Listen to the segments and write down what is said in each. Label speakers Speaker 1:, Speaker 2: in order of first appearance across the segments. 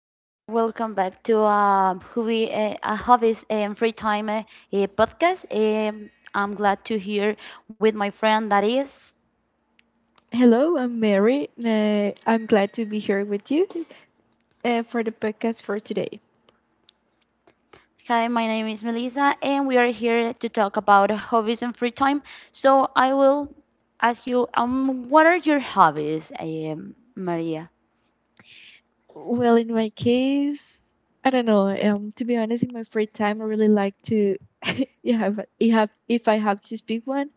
Speaker 1: Hey there, welcome back to a hobbies and free time podcast. I'm glad to hear with my friend that is.
Speaker 2: Hello, I'm Mary. I'm glad to be here with you, for the podcast for today.
Speaker 1: Hi, my name is Melissa, and we are here to talk about hobbies and free time. So I will ask you, what are your hobbies, Maria?
Speaker 2: Well, in my case, I don't know. To be honest, in my free time, I really like to. You have. If I have to speak one,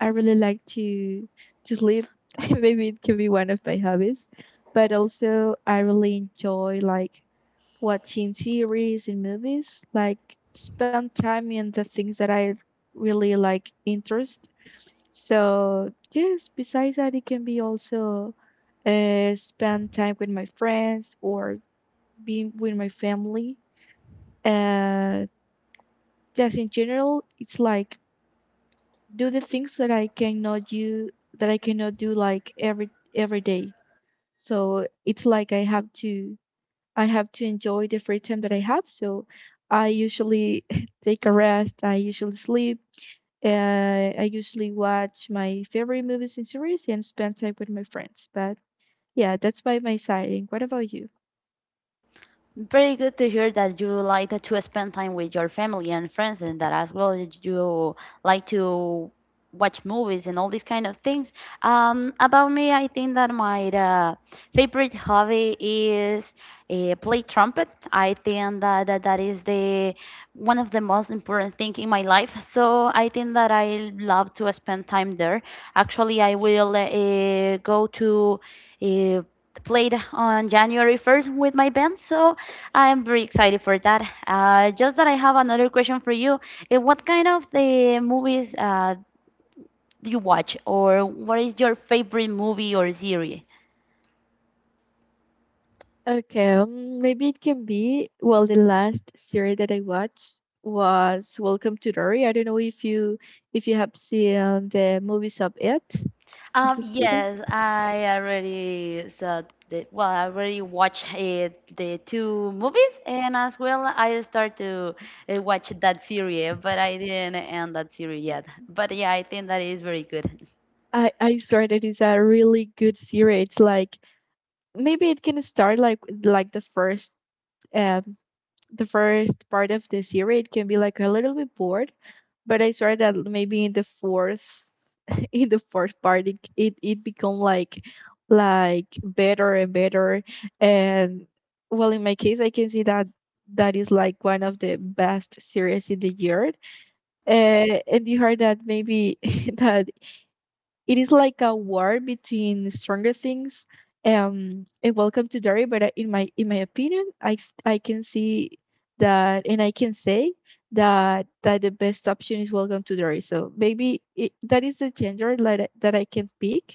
Speaker 2: I really like to sleep. Maybe it can be one of my hobbies, but also I really enjoy like watching series and movies, like spend time in the things that I really like interest. So yes, besides that, it can be also spend time with my friends or being with my family. Uh, just in general, it's like do the things that I cannot do, like every day. So it's like I have to enjoy the free time that I have. So I usually take a rest. I usually sleep. I usually watch my favorite movies and series and spend time with my friends. But yeah, that's by my side. And what about you?
Speaker 1: Very good to hear that you like to spend time with your family and friends, and that as well as you like to watch movies and all these kind of things. About me, I think that my favorite hobby is play trumpet. I think that, that is the one of the most important thing in my life. So I think that I love to spend time there. Actually, I will go to. Uh, Played on January 1st with my band, so I'm very excited for that. Just that I have another question for you. What kind of the movies do you watch, or what is your favorite movie or series?
Speaker 2: Okay, maybe it can be. Well, the last series that I watched was Welcome to Dory. I don't know if you have seen the movies of it. Did you see that?
Speaker 1: Yes, I already saw the well, I already watched the two movies, and as well, I start to watch that series, but I didn't end that series yet. But yeah, I think that is very good.
Speaker 2: I swear that is a really good series. It's like maybe it can start like the um first part of this year. It can be like a little bit bored, but I swear that maybe in the fourth in the fourth part it become like better and better. And well, in my case I can see that that is like one of the best series in the year. And you heard that maybe that it is like a war between stronger things. And welcome to Derry, but in my opinion, I can see that, and I can say that that the best option is welcome to Derry. So maybe that is the gender that I can pick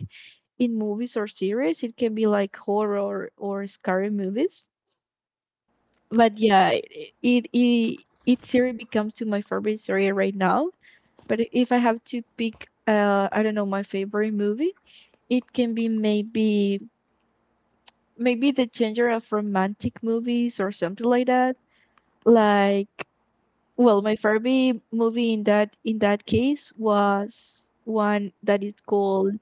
Speaker 2: in movies or series. It can be like horror or scary movies. But yeah, it series becomes to my favorite series right now. But if I have to pick, I don't know, my favorite movie, it can be maybe the genre of romantic movies or something like that. Like well, my favorite movie in that case was one that is called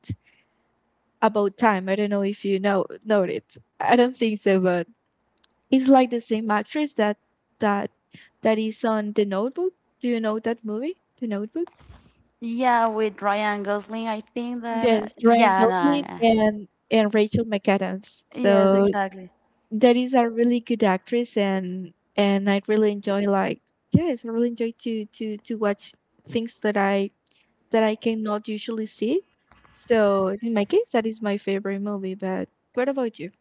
Speaker 2: About Time. I don't know if you know it. I don't think so, but it's like the same actress that that is on The Notebook. Do you know that movie? The Notebook?
Speaker 1: Yeah, with Ryan Gosling, I think that
Speaker 2: Yes, Ryan
Speaker 1: yeah,
Speaker 2: Gosling
Speaker 1: no,
Speaker 2: and Rachel McAdams.
Speaker 1: yes,
Speaker 2: So
Speaker 1: exactly.
Speaker 2: that is a really good actress, and I really enjoy, like yes, I really enjoy to watch things that I cannot usually see. So in my case, that is my favorite movie. But what about you?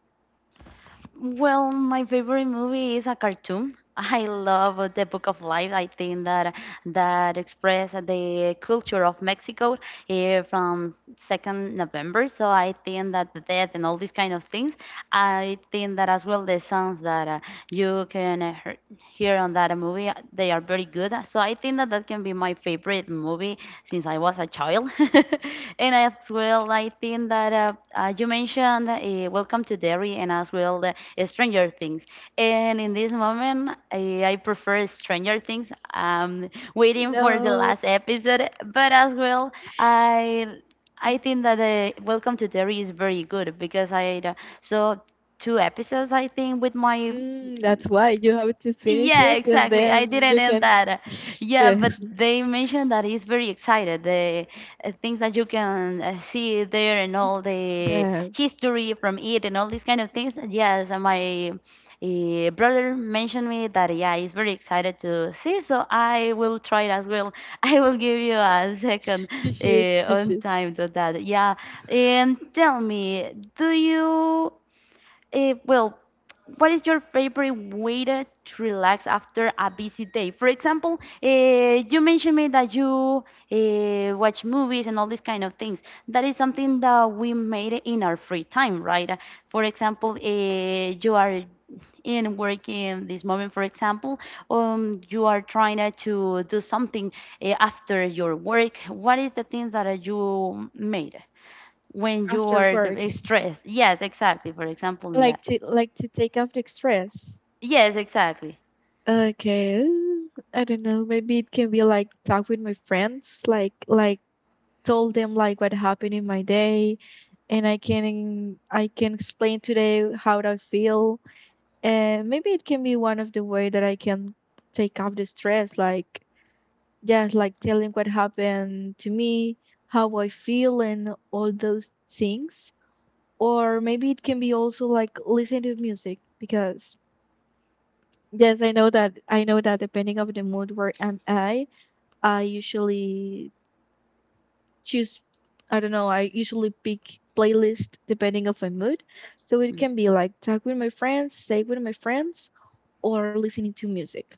Speaker 1: Well, my favorite movie is a cartoon. I love The Book of Life. I think that that express the culture of Mexico here from second November. So I think that the death and all these kind of things. I think that as well the songs that you can here on that movie. They are very good. So I think that that can be my favorite movie since I was a child. And as well, I think that you mentioned Welcome to Derry and as well Stranger Things. And in this moment, I prefer Stranger Things. I'm waiting for the
Speaker 2: No,
Speaker 1: last episode, but as well, I I think that Welcome to Derry is very good because I saw two episodes I think with my
Speaker 2: that's why you have to finish
Speaker 1: yeah,
Speaker 2: it, and
Speaker 1: exactly. I
Speaker 2: then
Speaker 1: didn't
Speaker 2: you
Speaker 1: end
Speaker 2: can.
Speaker 1: that. Yeah, but
Speaker 2: Yes,
Speaker 1: they mentioned that he's very excited. The things that you can see there and all the
Speaker 2: yes,
Speaker 1: history from it and all these kind of things. Yes, and my brother mentioned me that yeah, he's very excited to see. So I will try it as well. I will give you a second
Speaker 2: you should. You
Speaker 1: on
Speaker 2: should.
Speaker 1: time to that. Yeah, and tell me, do you? Well, what is your favorite way to relax after a busy day? For example, you mentioned me that you watch movies and all these kind of things. That is something that we made in our free time, right? For example, you are in work in this moment, for example, you are trying to do something after your work. What is the thing that you made? When you
Speaker 2: After
Speaker 1: are
Speaker 2: work,
Speaker 1: stressed. Yes, exactly. For example, in
Speaker 2: like
Speaker 1: that.
Speaker 2: to take off the stress.
Speaker 1: Yes, exactly.
Speaker 2: Okay, I don't know. Maybe it can be like talk with my friends, like told them like what happened in my day, and I can explain today how I feel, and maybe it can be one of the way that I can take off the stress, like just like telling what happened to me, how I feel, and all those things. Or maybe it can be also like listen to music because yes, I know that depending of the mood where am I usually choose, I don't know, I usually pick playlist depending of my mood. So it
Speaker 1: Mm.
Speaker 2: can be like talk with my friends, stay with my friends, or listening to music.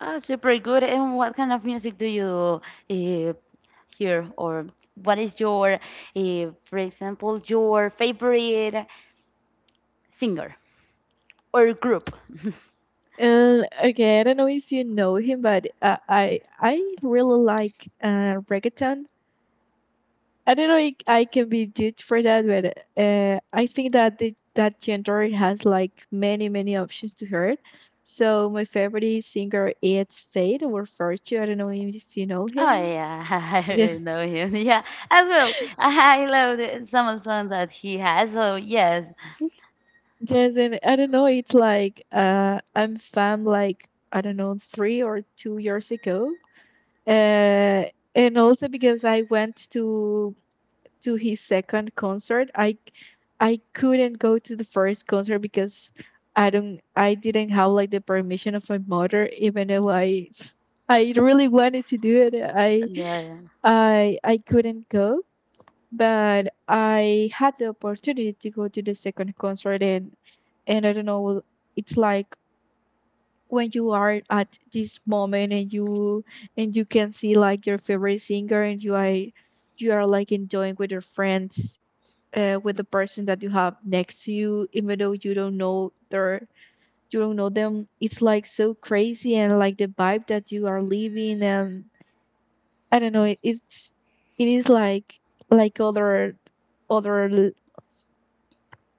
Speaker 1: Ah, super good. And what kind of music do you uh, hear, or what is your, for example, your favorite singer or group?
Speaker 2: And okay, I don't know if you know him, but I really like reggaeton. I don't know if I can be judged for that, but I think that that genre has like many options to hear. So my favorite singer is Fade or Fortune. I don't know if you know
Speaker 1: Oh
Speaker 2: him.
Speaker 1: yeah, I
Speaker 2: Yeah,
Speaker 1: really know him. Yeah, as well. I love some of the songs that he has. So yes,
Speaker 2: yes, and I don't know. It's like I'm fam like I don't know, 3 or 2 years ago, uh, and also because I went to his second concert. I couldn't go to the first concert because I didn't have like the permission of my mother, even though I I really wanted to do it. I
Speaker 1: no, yeah.
Speaker 2: I I couldn't go, but I had the opportunity to go to the second concert, and I don't know, it's like when you are at this moment and you can see like your favorite singer, and you are like enjoying with your friends, with the person that you have next to you, even though you don't know them. It's like so crazy, and like the vibe that you are living, and I don't know, it's it is like other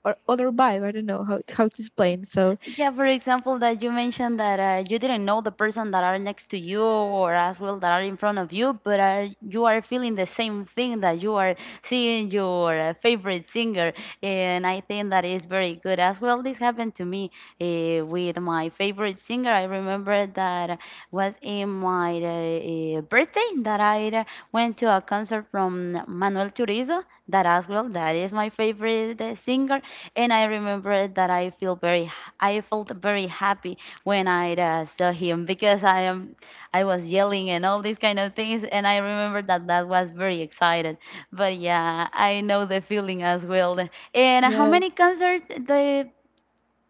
Speaker 2: other vibe. I don't know how to explain. So
Speaker 1: Yeah, for example, that you mentioned that you didn't know the person that are next to you or as well that are in front of you, but are, you are feeling the same thing that you are seeing your favorite singer, and I think that is very good as well. This happened to me with my favorite singer. I remember that was in my birthday that I went to a concert from Manuel Turizo. That as well, that is my favorite singer, and I remember that I feel very I felt very happy when I saw him because I was yelling and all these kind of things and I remember that that was very excited. But yeah, I know the feeling as well. And how many
Speaker 2: yes,
Speaker 1: concerts the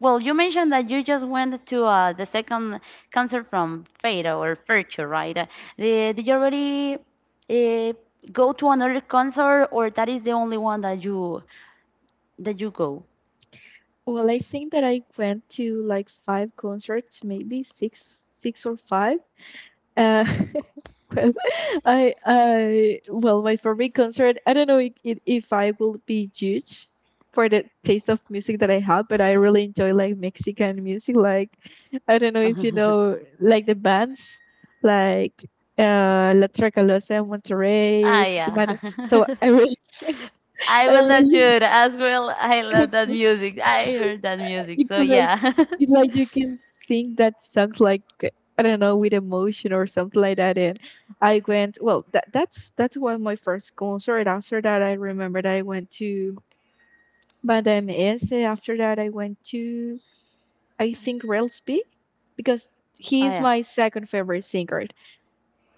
Speaker 1: well you mentioned that you just went to the second concert from Fade or Virtue, right? Did you already uh, go to another concert or that is the only one that you go?
Speaker 2: well, I think that I went to like five concerts, maybe six, six or five. Uh, well, my favorite concert. I don't know if I will be judged for the taste of music that I have, but I really enjoy like Mexican music. Like I don't know if you know like the bands like La Tracalosa,
Speaker 1: Ah
Speaker 2: Monterrey, Tijuana.
Speaker 1: yeah.
Speaker 2: So
Speaker 1: I
Speaker 2: I
Speaker 1: will not
Speaker 2: really
Speaker 1: shoot as well. I love that music. I heard that music.
Speaker 2: it's
Speaker 1: So
Speaker 2: like
Speaker 1: yeah.
Speaker 2: it's like you can sing that song like I don't know with emotion or something like that. And I went, well. That's one my first concert. After that, I remembered I went to Madame S. After that, I went to, I think, Railsby, because he
Speaker 1: Oh
Speaker 2: is
Speaker 1: yeah.
Speaker 2: my second favorite singer.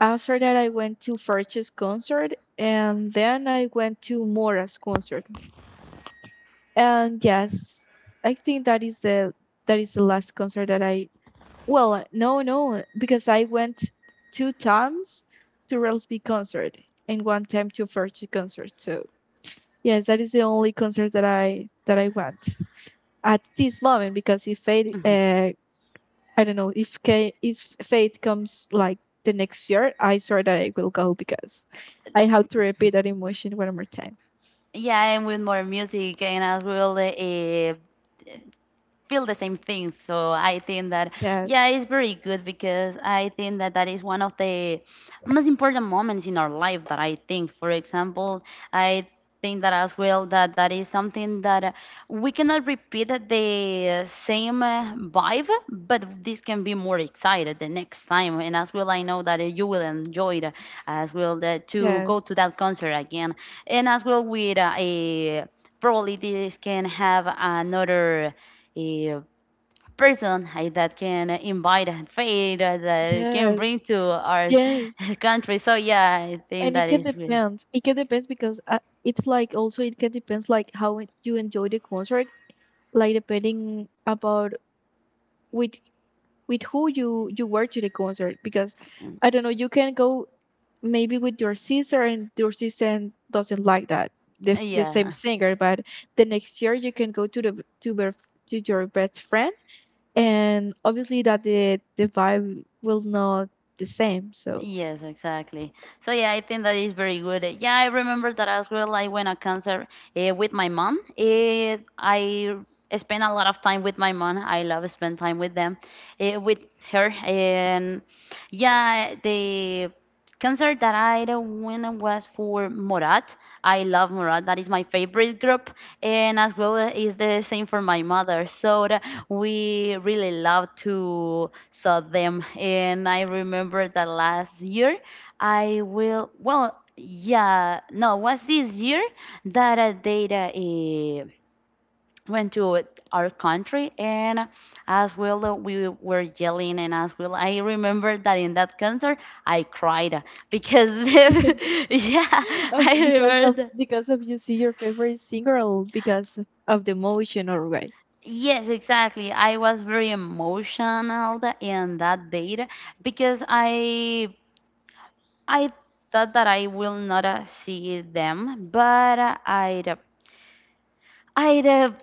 Speaker 2: After that, I went to Ferch's concert, and then I went to Mora's concert. And yes, I think that is the last concert that I. Well, no, no, because I went two times to Relsby concert and one time to Fergie concert. So yes, that is the only concert that I went at this moment. Because if fate,
Speaker 1: Mhm.
Speaker 2: I don't know, if fate comes like the next year, I swear that I will go because I have to repeat that emotion one more time.
Speaker 1: Yeah, I'm with more music and as well feel the same thing. So I think that
Speaker 2: Yes,
Speaker 1: yeah, it's very good because I think that that is one of the most important moments in our life that I think. For example, I think that as well that that is something that we cannot repeat the same vibe, but this can be more excited the next time. And as well, I know that you will enjoy it as well that to go
Speaker 2: yes,
Speaker 1: to that concert again. And as well with a probably this can have another a person that can invite and faith that can bring
Speaker 2: yes,
Speaker 1: to our
Speaker 2: yes.
Speaker 1: country. So yeah, I think
Speaker 2: And it
Speaker 1: that
Speaker 2: can
Speaker 1: is really
Speaker 2: depend it can depend because it's like also it can depends, like how it- you enjoy the concert like depending about with with who you were to the concert, because
Speaker 1: mm,
Speaker 2: I don't know, you can go maybe with your sister and your sister doesn't like that the same
Speaker 1: yeah.
Speaker 2: singer, but the next year you can go to the to, bef- to your best friend, and obviously that the vibe will not the same. So
Speaker 1: Yes, exactly. So yeah, I think that is very good. Yeah, I remember that as well. I went a concert with my mom. It, I spent a lot of time with my mom. I love spend time with them, with her, and yeah, the concert that I went was for Morat. I love Morat. That is my favorite group, and as well is the same for my mother. So we really love to saw them. And I remember that last year, I will well. Yeah, no, was this year that I did went to our country and as well we were yelling and as well I remember that in that concert I cried because yeah
Speaker 2: Of
Speaker 1: I
Speaker 2: because
Speaker 1: remember
Speaker 2: of
Speaker 1: that.
Speaker 2: because of you see your favorite singer, or because of the emotion, or what?
Speaker 1: Yes exactly I was very emotional in that date because I thought that I will not see them but i I uh,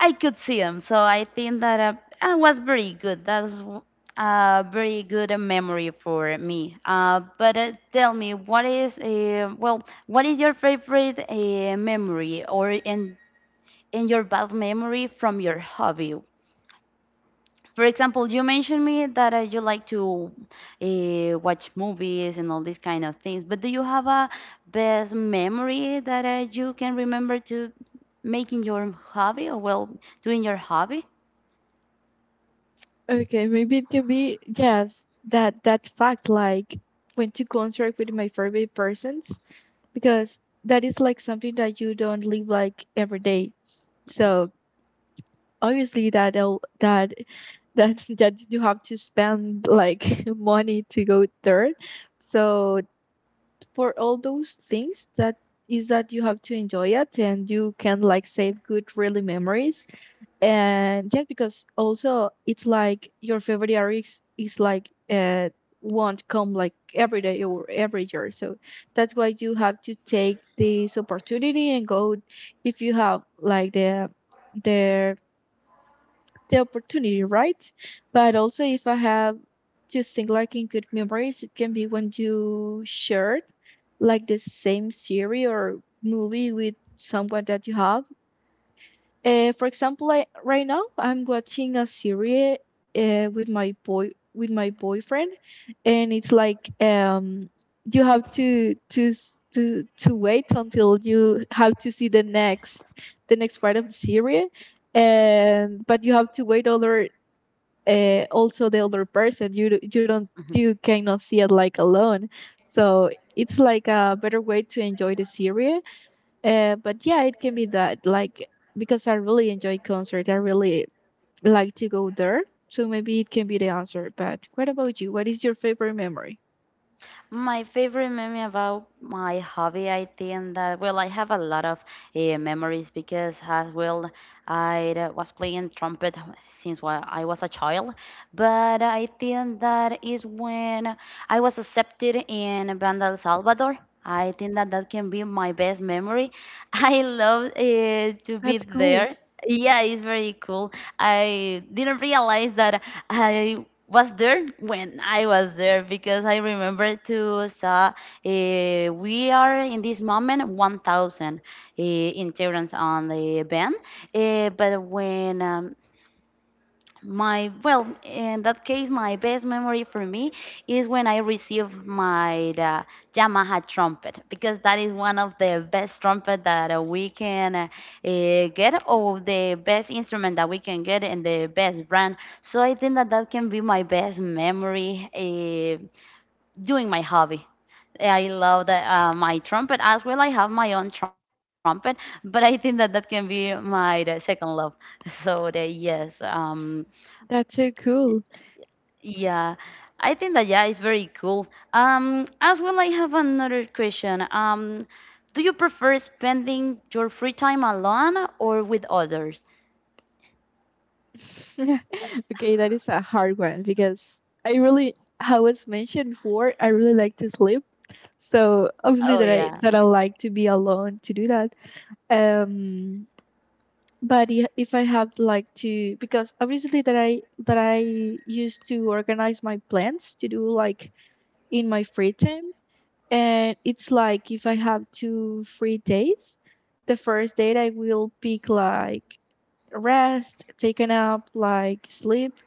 Speaker 1: I could see them, so I think that I was very good. That was a very good memory for me. But tell me, what is well, what is your favorite memory or in your bad memory from your hobby? For example, you mentioned me that you like to watch movies and all these kind of things, but do you have a best memory that you can remember to making your hobby or well doing your hobby?
Speaker 2: Okay, maybe it can be, yes, that fact, like went to concert with my favorite persons, because that is like something that you don't live like every day.
Speaker 1: Yeah.
Speaker 2: So obviously that that you have to spend, like money to go there. So for all those things, that is that you have to enjoy it, and you can like save good really memories. And yeah, because also it's like your favorite artist is like won't come like every day or every year, so that's why you have to take this opportunity and go if you have like the the opportunity, right? But also, if I have to think like in good memories, it can be when you shared like the same series or movie with someone that you have. For example, I, right now I'm watching a series with my boyfriend, and it's like you have to s- to wait until you have to see the next part of the series, and but you have to wait other, also the other person, you d- you don't
Speaker 1: Mhm.
Speaker 2: you cannot see it like alone, so it's like a better way to enjoy the series, but yeah, it can be that, like because I really enjoy concert, I really like to go there. So maybe it can be the answer. But what about you, what is your favorite memory?
Speaker 1: My favorite memory about my hobby, I think that, well, I have a lot of memories because, as well, I was playing trumpet since I was a child. But I think that is when I was accepted in Banda El Salvador. I think that that can be my best memory. I love to be
Speaker 2: That's cool.
Speaker 1: there. Yeah, it's very cool. I didn't realize that I was there when I was there because I remember to saw we are in this moment 1,000 integrants on the band, but when my well, in that case, my best memory for me is when I received my Yamaha trumpet because that is one of the best trumpet that we can get, or the best instrument that we can get, and the best brand. So I think that that can be my best memory doing my hobby. I love the, my trumpet as well. I have my own trumpet, but I think that that can be my second love. So the, yes.
Speaker 2: That's so cool.
Speaker 1: Yeah, I think that yeah, it's very cool. As well, I have another question. Do you prefer spending your free time alone or with others?
Speaker 2: Okay, that is a hard one because I really, how was mentioned before, I really like to sleep. So obviously
Speaker 1: Oh
Speaker 2: that I
Speaker 1: yeah.
Speaker 2: that I like to be alone to do that. Um, but if I have like to, because obviously that I used to organize my plans to do like in my free time, and it's like if I have two free days, the first date I will pick like rest, take a nap, like sleep,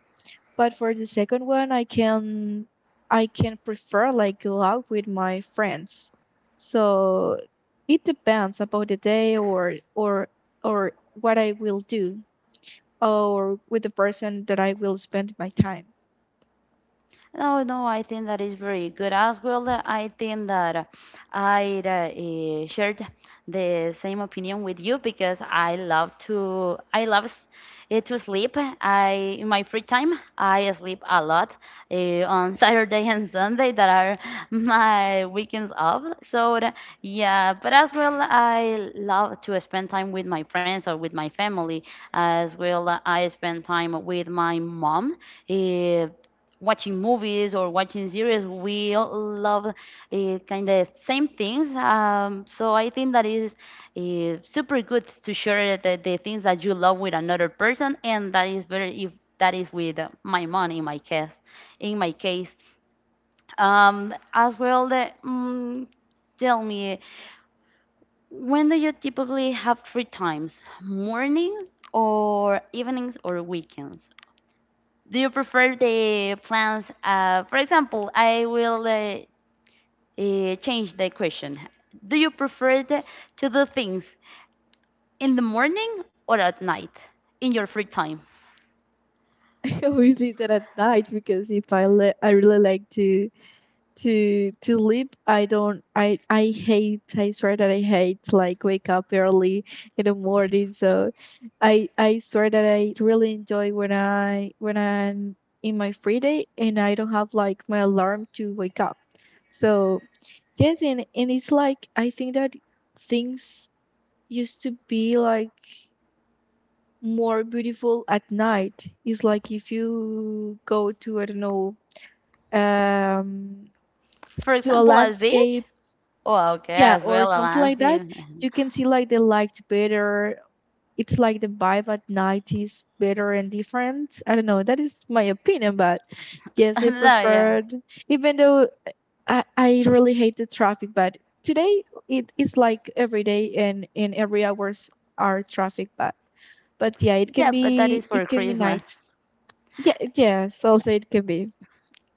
Speaker 2: but for the second one, I can prefer like go out with my friends. So it depends about the day or what I will do, or with the person that I will spend my time.
Speaker 1: No, no, I think that is very good as well. I think that I shared the same opinion with you because I love to I love to sleep. I in my free time I sleep a lot on Saturday and Sunday that are my weekends off. So yeah, but as well I love to spend time with my friends or with my family. As well, I spend time with my mom. eh, watching movies or watching series, we all love kind of same things. So I think that is super good to share the things that you love with another person, and that is very if that is with my mom in my case. In my case, as well, the, mm, tell me when do you typically have free times? Mornings or evenings or weekends? Do you prefer the plans? For example, I will change the question. Do you prefer to do things in the morning or at night in your free time?
Speaker 2: I that at night, because if I le- I really like to sleep. I don't. I hate, I swear that I hate like wake up early in the morning. So I swear that I really enjoy when I'm in my free day and I don't have like my alarm to wake up. So yes, and it's like I think that things used to be like more beautiful at night. It's like if you go to, I don't know, um
Speaker 1: For
Speaker 2: to a
Speaker 1: example, at beach?
Speaker 2: landscape.
Speaker 1: Oh, okay,
Speaker 2: Yeah,
Speaker 1: as
Speaker 2: or
Speaker 1: well, a
Speaker 2: something like that.
Speaker 1: landscape.
Speaker 2: You can see like the light better. It's like the vibe at night is better and different. I don't know. That is my opinion, but yes, I
Speaker 1: No, yeah.
Speaker 2: preferred. Even though I really hate the traffic, but today it is like every day and in every hours are traffic, but yeah, it can
Speaker 1: Yeah, but that
Speaker 2: be
Speaker 1: is for
Speaker 2: it can be
Speaker 1: Christmas.
Speaker 2: night. Yeah, yes, also it can be.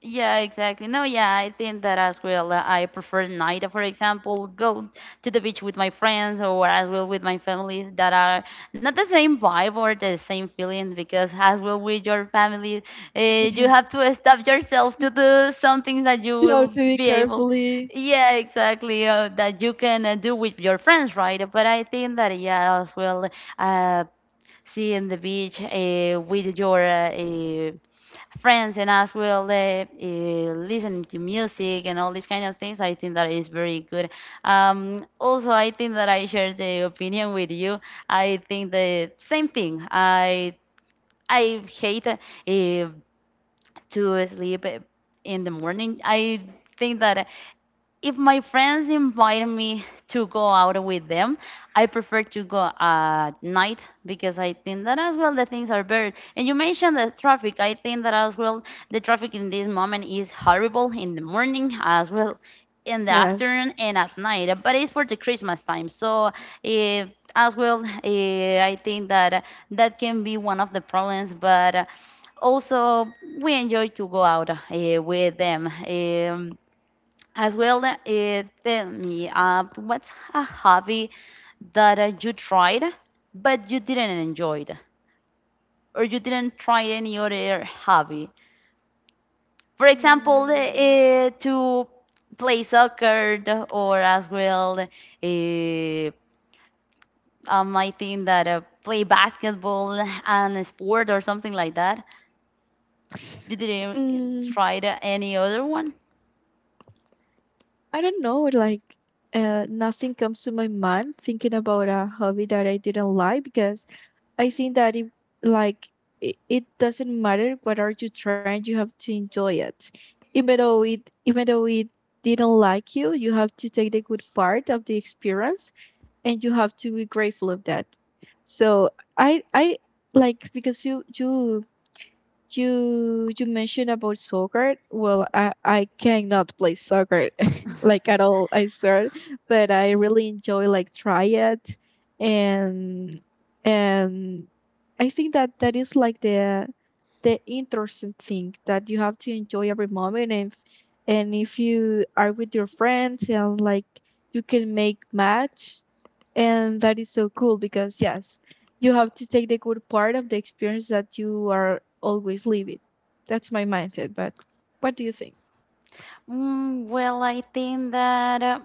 Speaker 1: Yeah, exactly. No, yeah, I think that as well. I prefer night, for example, go to the beach with my friends or as well with my families that are not the same vibe or the same feeling because as well with your family, uh, you
Speaker 2: Yeah.
Speaker 1: have to stop yourself to do some things that you
Speaker 2: You have
Speaker 1: will
Speaker 2: to be
Speaker 1: be able.
Speaker 2: carefully.
Speaker 1: Yeah, exactly. That you can do with your friends, right? But I think that yeah, as well, uh, seeing the beach with your friends and us will listen to music and all these kind of things. I think that is very good. Also, I think that I share the opinion with you. I think the same thing. I hate to sleep in the morning. I think that if my friends invite me to go out with them, I prefer to go at night because I think that as well the things are better. And you mentioned the traffic. I think that as well the traffic in this moment is horrible in the morning as well in the
Speaker 2: Yes.
Speaker 1: afternoon and at night. But it's for the Christmas time, so eh, as well I think that that can be one of the problems. But also we enjoy to go out with them. As well, tell me, what's a hobby that you tried but you didn't enjoy it, or you didn't try any other hobby? For example,
Speaker 2: Mm.
Speaker 1: to play soccer, or as well, I think that play basketball and a sport or something like that. You didn't
Speaker 2: Mm,
Speaker 1: try any other one?
Speaker 2: I don't know, like nothing comes to my mind thinking about a hobby that I didn't like, because I think that it like it doesn't matter what are you trying, you have to enjoy it. Even though it didn't like you have to take the good part of the experience and you have to be grateful of that. So I like, because you mentioned about soccer, well, I cannot play soccer like at all, I swear. But I really enjoy like try it, and and I think that that is like the interesting thing, that you have to enjoy every moment. And if you are with your friends and like you can make match, and that is so cool, because yes, you have to take the good part of the experience that you are always living. That's my mindset. But what do you think?
Speaker 1: Well, I think that,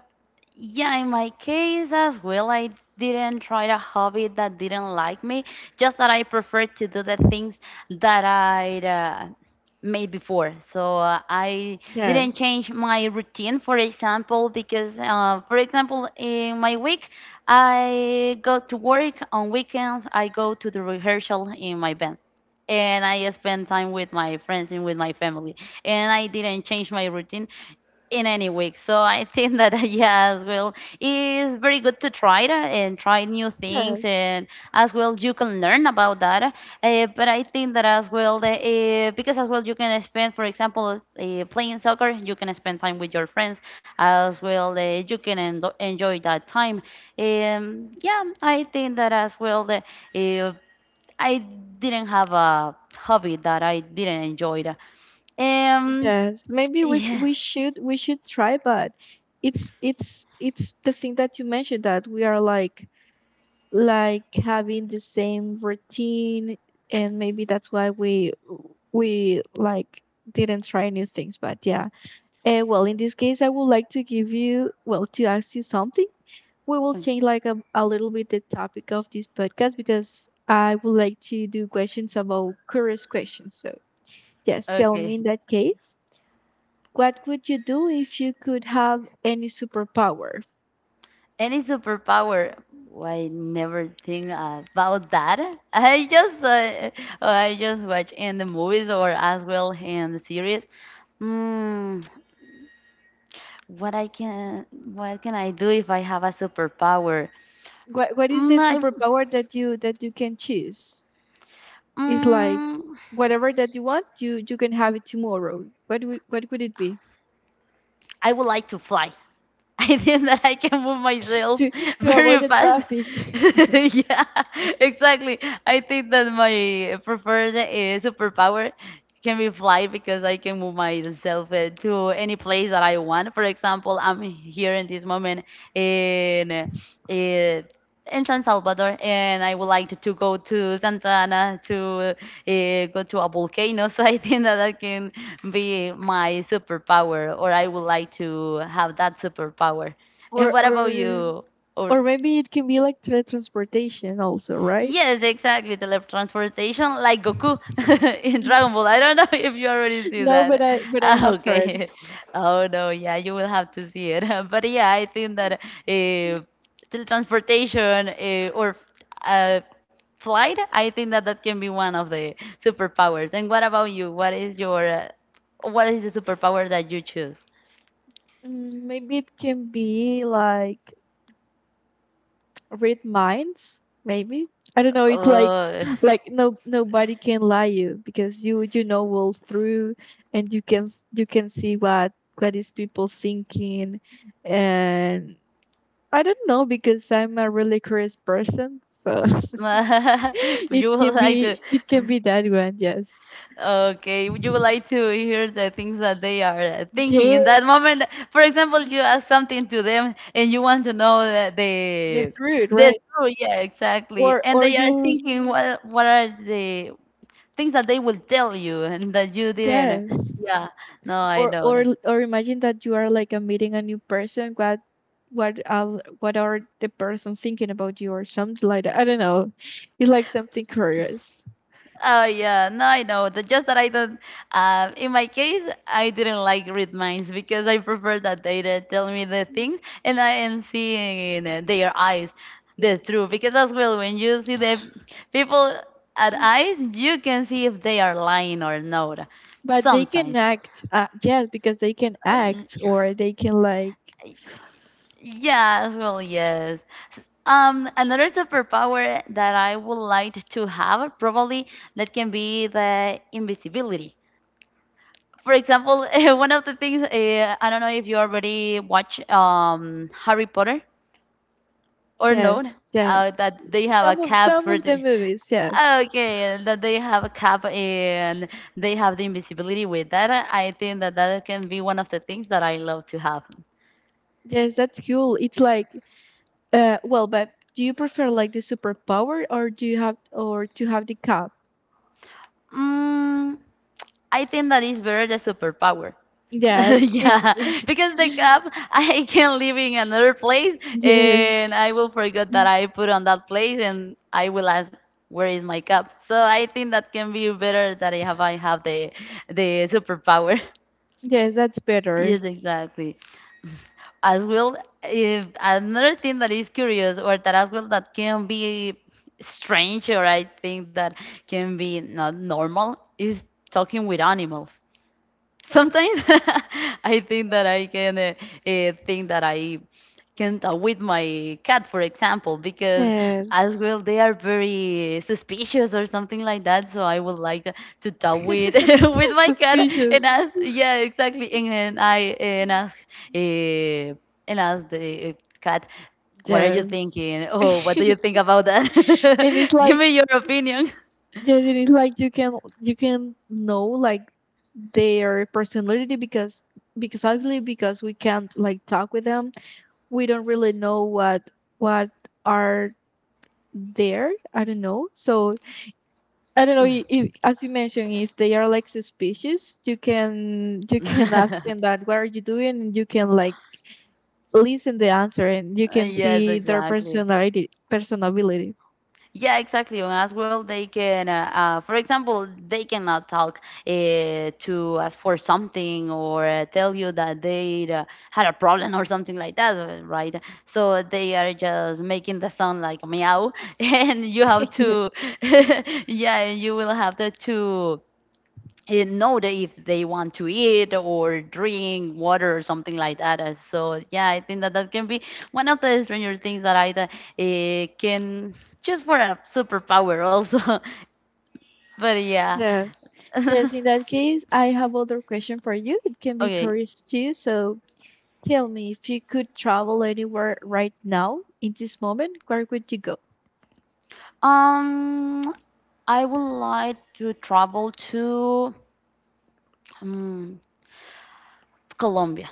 Speaker 1: yeah, in my case as well, I didn't try a hobby that didn't like me, just that I prefer to do the things that I made before. So I didn't
Speaker 2: Yes.
Speaker 1: change my routine, for example, because, for example, in my week, I go to work. On weekends, I go to the rehearsal in my band and I spend time with my friends and with my family. And I didn't change my routine in any week. So I think that yeah, as well, is very good to try that and try new things,
Speaker 2: Yes,
Speaker 1: and as well you can learn about that. But I think that as well, because as well you can spend, for example, playing soccer, you can spend time with your friends as well. You can endo enjoy that time. Yeah, I think that as well. Uh, I didn't have a hobby that I didn't enjoy. Um,
Speaker 2: yes. Maybe we
Speaker 1: yeah.
Speaker 2: we should we should try, but it's the thing that you mentioned, that we are like having the same routine, and maybe that's why we like didn't try new things. But yeah, well, in this case, I would like to give you, well, to ask you something. We will change like a little bit the topic of this podcast, because I would like to do questions, about curious questions. So yes, tell
Speaker 1: Okay.
Speaker 2: me, in that case, what would you do if you could have any superpower?
Speaker 1: Any superpower? Well, I never think about that. I just well, I just watch in the movies or as well in the series. Hmm. What I can what can I do if I have a superpower?
Speaker 2: What is the
Speaker 1: Mm, I,
Speaker 2: superpower that you can choose? It's like
Speaker 1: mm,
Speaker 2: whatever that you want, you can have it tomorrow. What would it be?
Speaker 1: I would like to fly. I think that I can move myself
Speaker 2: to to avoid
Speaker 1: very
Speaker 2: the
Speaker 1: fast.
Speaker 2: traffic.
Speaker 1: Yeah, exactly. I think that my preferred superpower can be fly because I can move myself to any place that I want. For example, I'm here in this moment in uh, uh, in San Salvador, and I would like to go to Santa Ana to go to a volcano. So I think that I can be my superpower, or I would like to have that superpower. And
Speaker 2: or
Speaker 1: what about
Speaker 2: or
Speaker 1: you? Or
Speaker 2: or maybe it can be like teletransportation also, right?
Speaker 1: yes, exactly, teletransportation, like Goku in Dragon Ball. I don't know if you already see
Speaker 2: No, but
Speaker 1: that.
Speaker 2: I but I
Speaker 1: Ah,
Speaker 2: have heard.
Speaker 1: okay. Oh no, yeah, you will have to see it. But yeah, I think that teletransportation or uh, flight, I think that that can be one of the superpowers. And what about you? What is the superpower that you choose?
Speaker 2: Maybe it can be like read minds. Maybe, I don't know. It's like
Speaker 1: Oh,
Speaker 2: like no nobody can lie you, because you know all through, and you can see what is people thinking. And I don't know, because I'm a really curious person. So it
Speaker 1: you would
Speaker 2: can
Speaker 1: like to.
Speaker 2: be it can be that one. Yes.
Speaker 1: Okay, would like to hear the things that they are thinking
Speaker 2: Yeah,
Speaker 1: in that moment? For example, you ask something to them and you want to know that
Speaker 2: that's rude,
Speaker 1: the
Speaker 2: right?
Speaker 1: true, yeah, exactly.
Speaker 2: Or
Speaker 1: And
Speaker 2: or
Speaker 1: they are
Speaker 2: you.
Speaker 1: thinking what are the things that they will tell you and that you didn't.
Speaker 2: Yes.
Speaker 1: Yeah, no, I
Speaker 2: or or
Speaker 1: don't.
Speaker 2: or imagine that you are like a meeting a new person, what are the person thinking about you, or something like that. I don't know, it's like something curious,
Speaker 1: Oh yeah, no, I know. The Just that I don't. In my case, I didn't like read minds because I prefer that they to tell me the things and I and seeing in their eyes the truth. Because as well, when you see the people at eyes, you can see if they are lying or not.
Speaker 2: but they can
Speaker 1: Sometimes,
Speaker 2: act, yes, because they can
Speaker 1: Uh,
Speaker 2: act, or they can like,
Speaker 1: yeah, as well, yes. Another superpower that I would like to have probably that can be the invisibility for example, one of the things I don't know if you already watch Harry Potter or not,
Speaker 2: yes. Yeah,
Speaker 1: that they have a
Speaker 2: some of
Speaker 1: cap
Speaker 2: some
Speaker 1: for
Speaker 2: of
Speaker 1: the
Speaker 2: the movies. Yes.
Speaker 1: okay that they have a cap and they have the invisibility with that. I think that that can be one of the things that I love to have.
Speaker 2: Yes, that's cool. It's like well, but do you prefer like the superpower, or do you have, or to have the cup?
Speaker 1: Mm, I think that is better the superpower.
Speaker 2: Yes,
Speaker 1: Yeah,
Speaker 2: it's
Speaker 1: because the cup I can live in another place
Speaker 2: yes.
Speaker 1: and I will forget that I put on that place and I will ask where is my cup. So I think that can be better that I have the superpower.
Speaker 2: Yes, that's better.
Speaker 1: Yes, exactly. As well, if another thing that is curious or that as well that can be strange or I think that can be not normal is talking with animals sometimes. I think that I can think that I can talk with my cat, for example, because
Speaker 2: Yes.
Speaker 1: as well they are very suspicious or something like that. So I would like to talk with with my cat
Speaker 2: Suspicious.
Speaker 1: and ask, yeah, exactly, and I and ask the cat. What are you
Speaker 2: Yes.
Speaker 1: thinking? Oh, what do
Speaker 2: And
Speaker 1: you think about that?
Speaker 2: it's
Speaker 1: Give
Speaker 2: like
Speaker 1: me your opinion.
Speaker 2: yes, and it's like you can know like their personality, because obviously, because we can't like talk with them, we don't really know what are there. I don't know, so I don't know, if, as you mentioned, if they are like suspicious, you can you can ask them that what are you doing, and you can like listen the answer, and you can
Speaker 1: Yes,
Speaker 2: see their
Speaker 1: exactly.
Speaker 2: personality personability.
Speaker 1: Yeah, exactly. And as well, for example, they cannot talk to ask for something or tell you that they had a problem or something like that, right? So they are just making the sound like meow, and you have
Speaker 2: Ye-
Speaker 1: to, yeah, you will have to it know that if they want to eat or drink water or something like that. So yeah, I think that that can be one of the stranger things that I can choose for a superpower also. But yeah,
Speaker 2: yes, yes. In that case, I have other question for you. It can be
Speaker 1: okay.
Speaker 2: curious too. So tell me, if you could travel anywhere right now in this moment, where would you go?
Speaker 1: Um, I would like to travel to um, Colombia.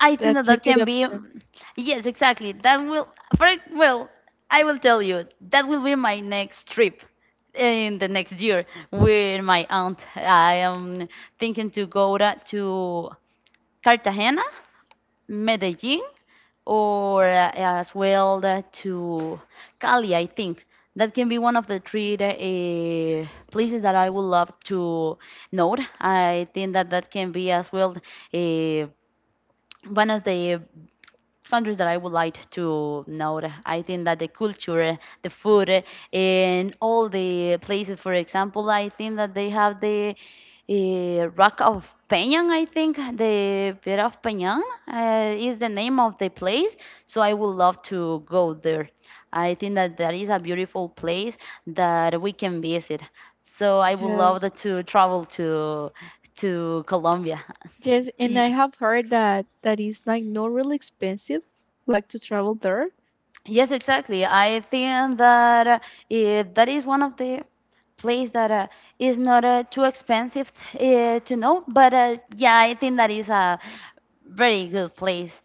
Speaker 1: I think that
Speaker 2: That's a
Speaker 1: that
Speaker 2: good
Speaker 1: can be,
Speaker 2: option.
Speaker 1: yes, exactly. That will, for ex- Well, I will tell you that will be my next trip in the next year with my aunt. I am thinking to go to Cartagena, Medellin, or as well to Cali. I think that can be one of the three places that I would love to note. I think that that can be as well. Uh, One of the countries that I would like to know. I think that the culture, the food, and all the places, for example, I think that they have the Rock of Peñan, I think, the Piedra of Peñan is the name of the place. So I would love to go there. I think that that is a beautiful place that we can visit. So I would love
Speaker 2: Yes.
Speaker 1: that to travel to Colombia.
Speaker 2: Yes, and I have heard that that is like not really expensive, like to travel there.
Speaker 1: Yes, exactly. I think that if that is one of the place that is not too expensive to know, but yeah, I think that is a very good place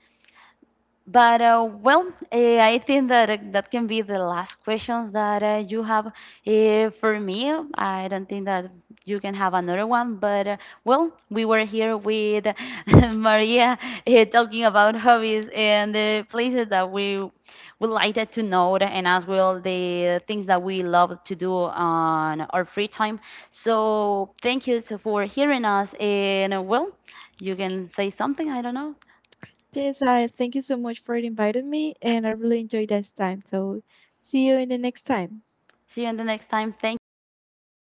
Speaker 1: but I think that that can be the last questions that you have for me. I don't think that you can have another one. But well, we were here with Maria talking about hobbies and the places that we would like that to know, and as well the things that we love to do on our free time. So thank you so for hearing us. And well, you can say something. I don't know.
Speaker 2: Yes, I thank you so much for inviting me, and I really enjoyed this time. So, see you in the next time.
Speaker 1: See you in the next time. Thank you. Bye.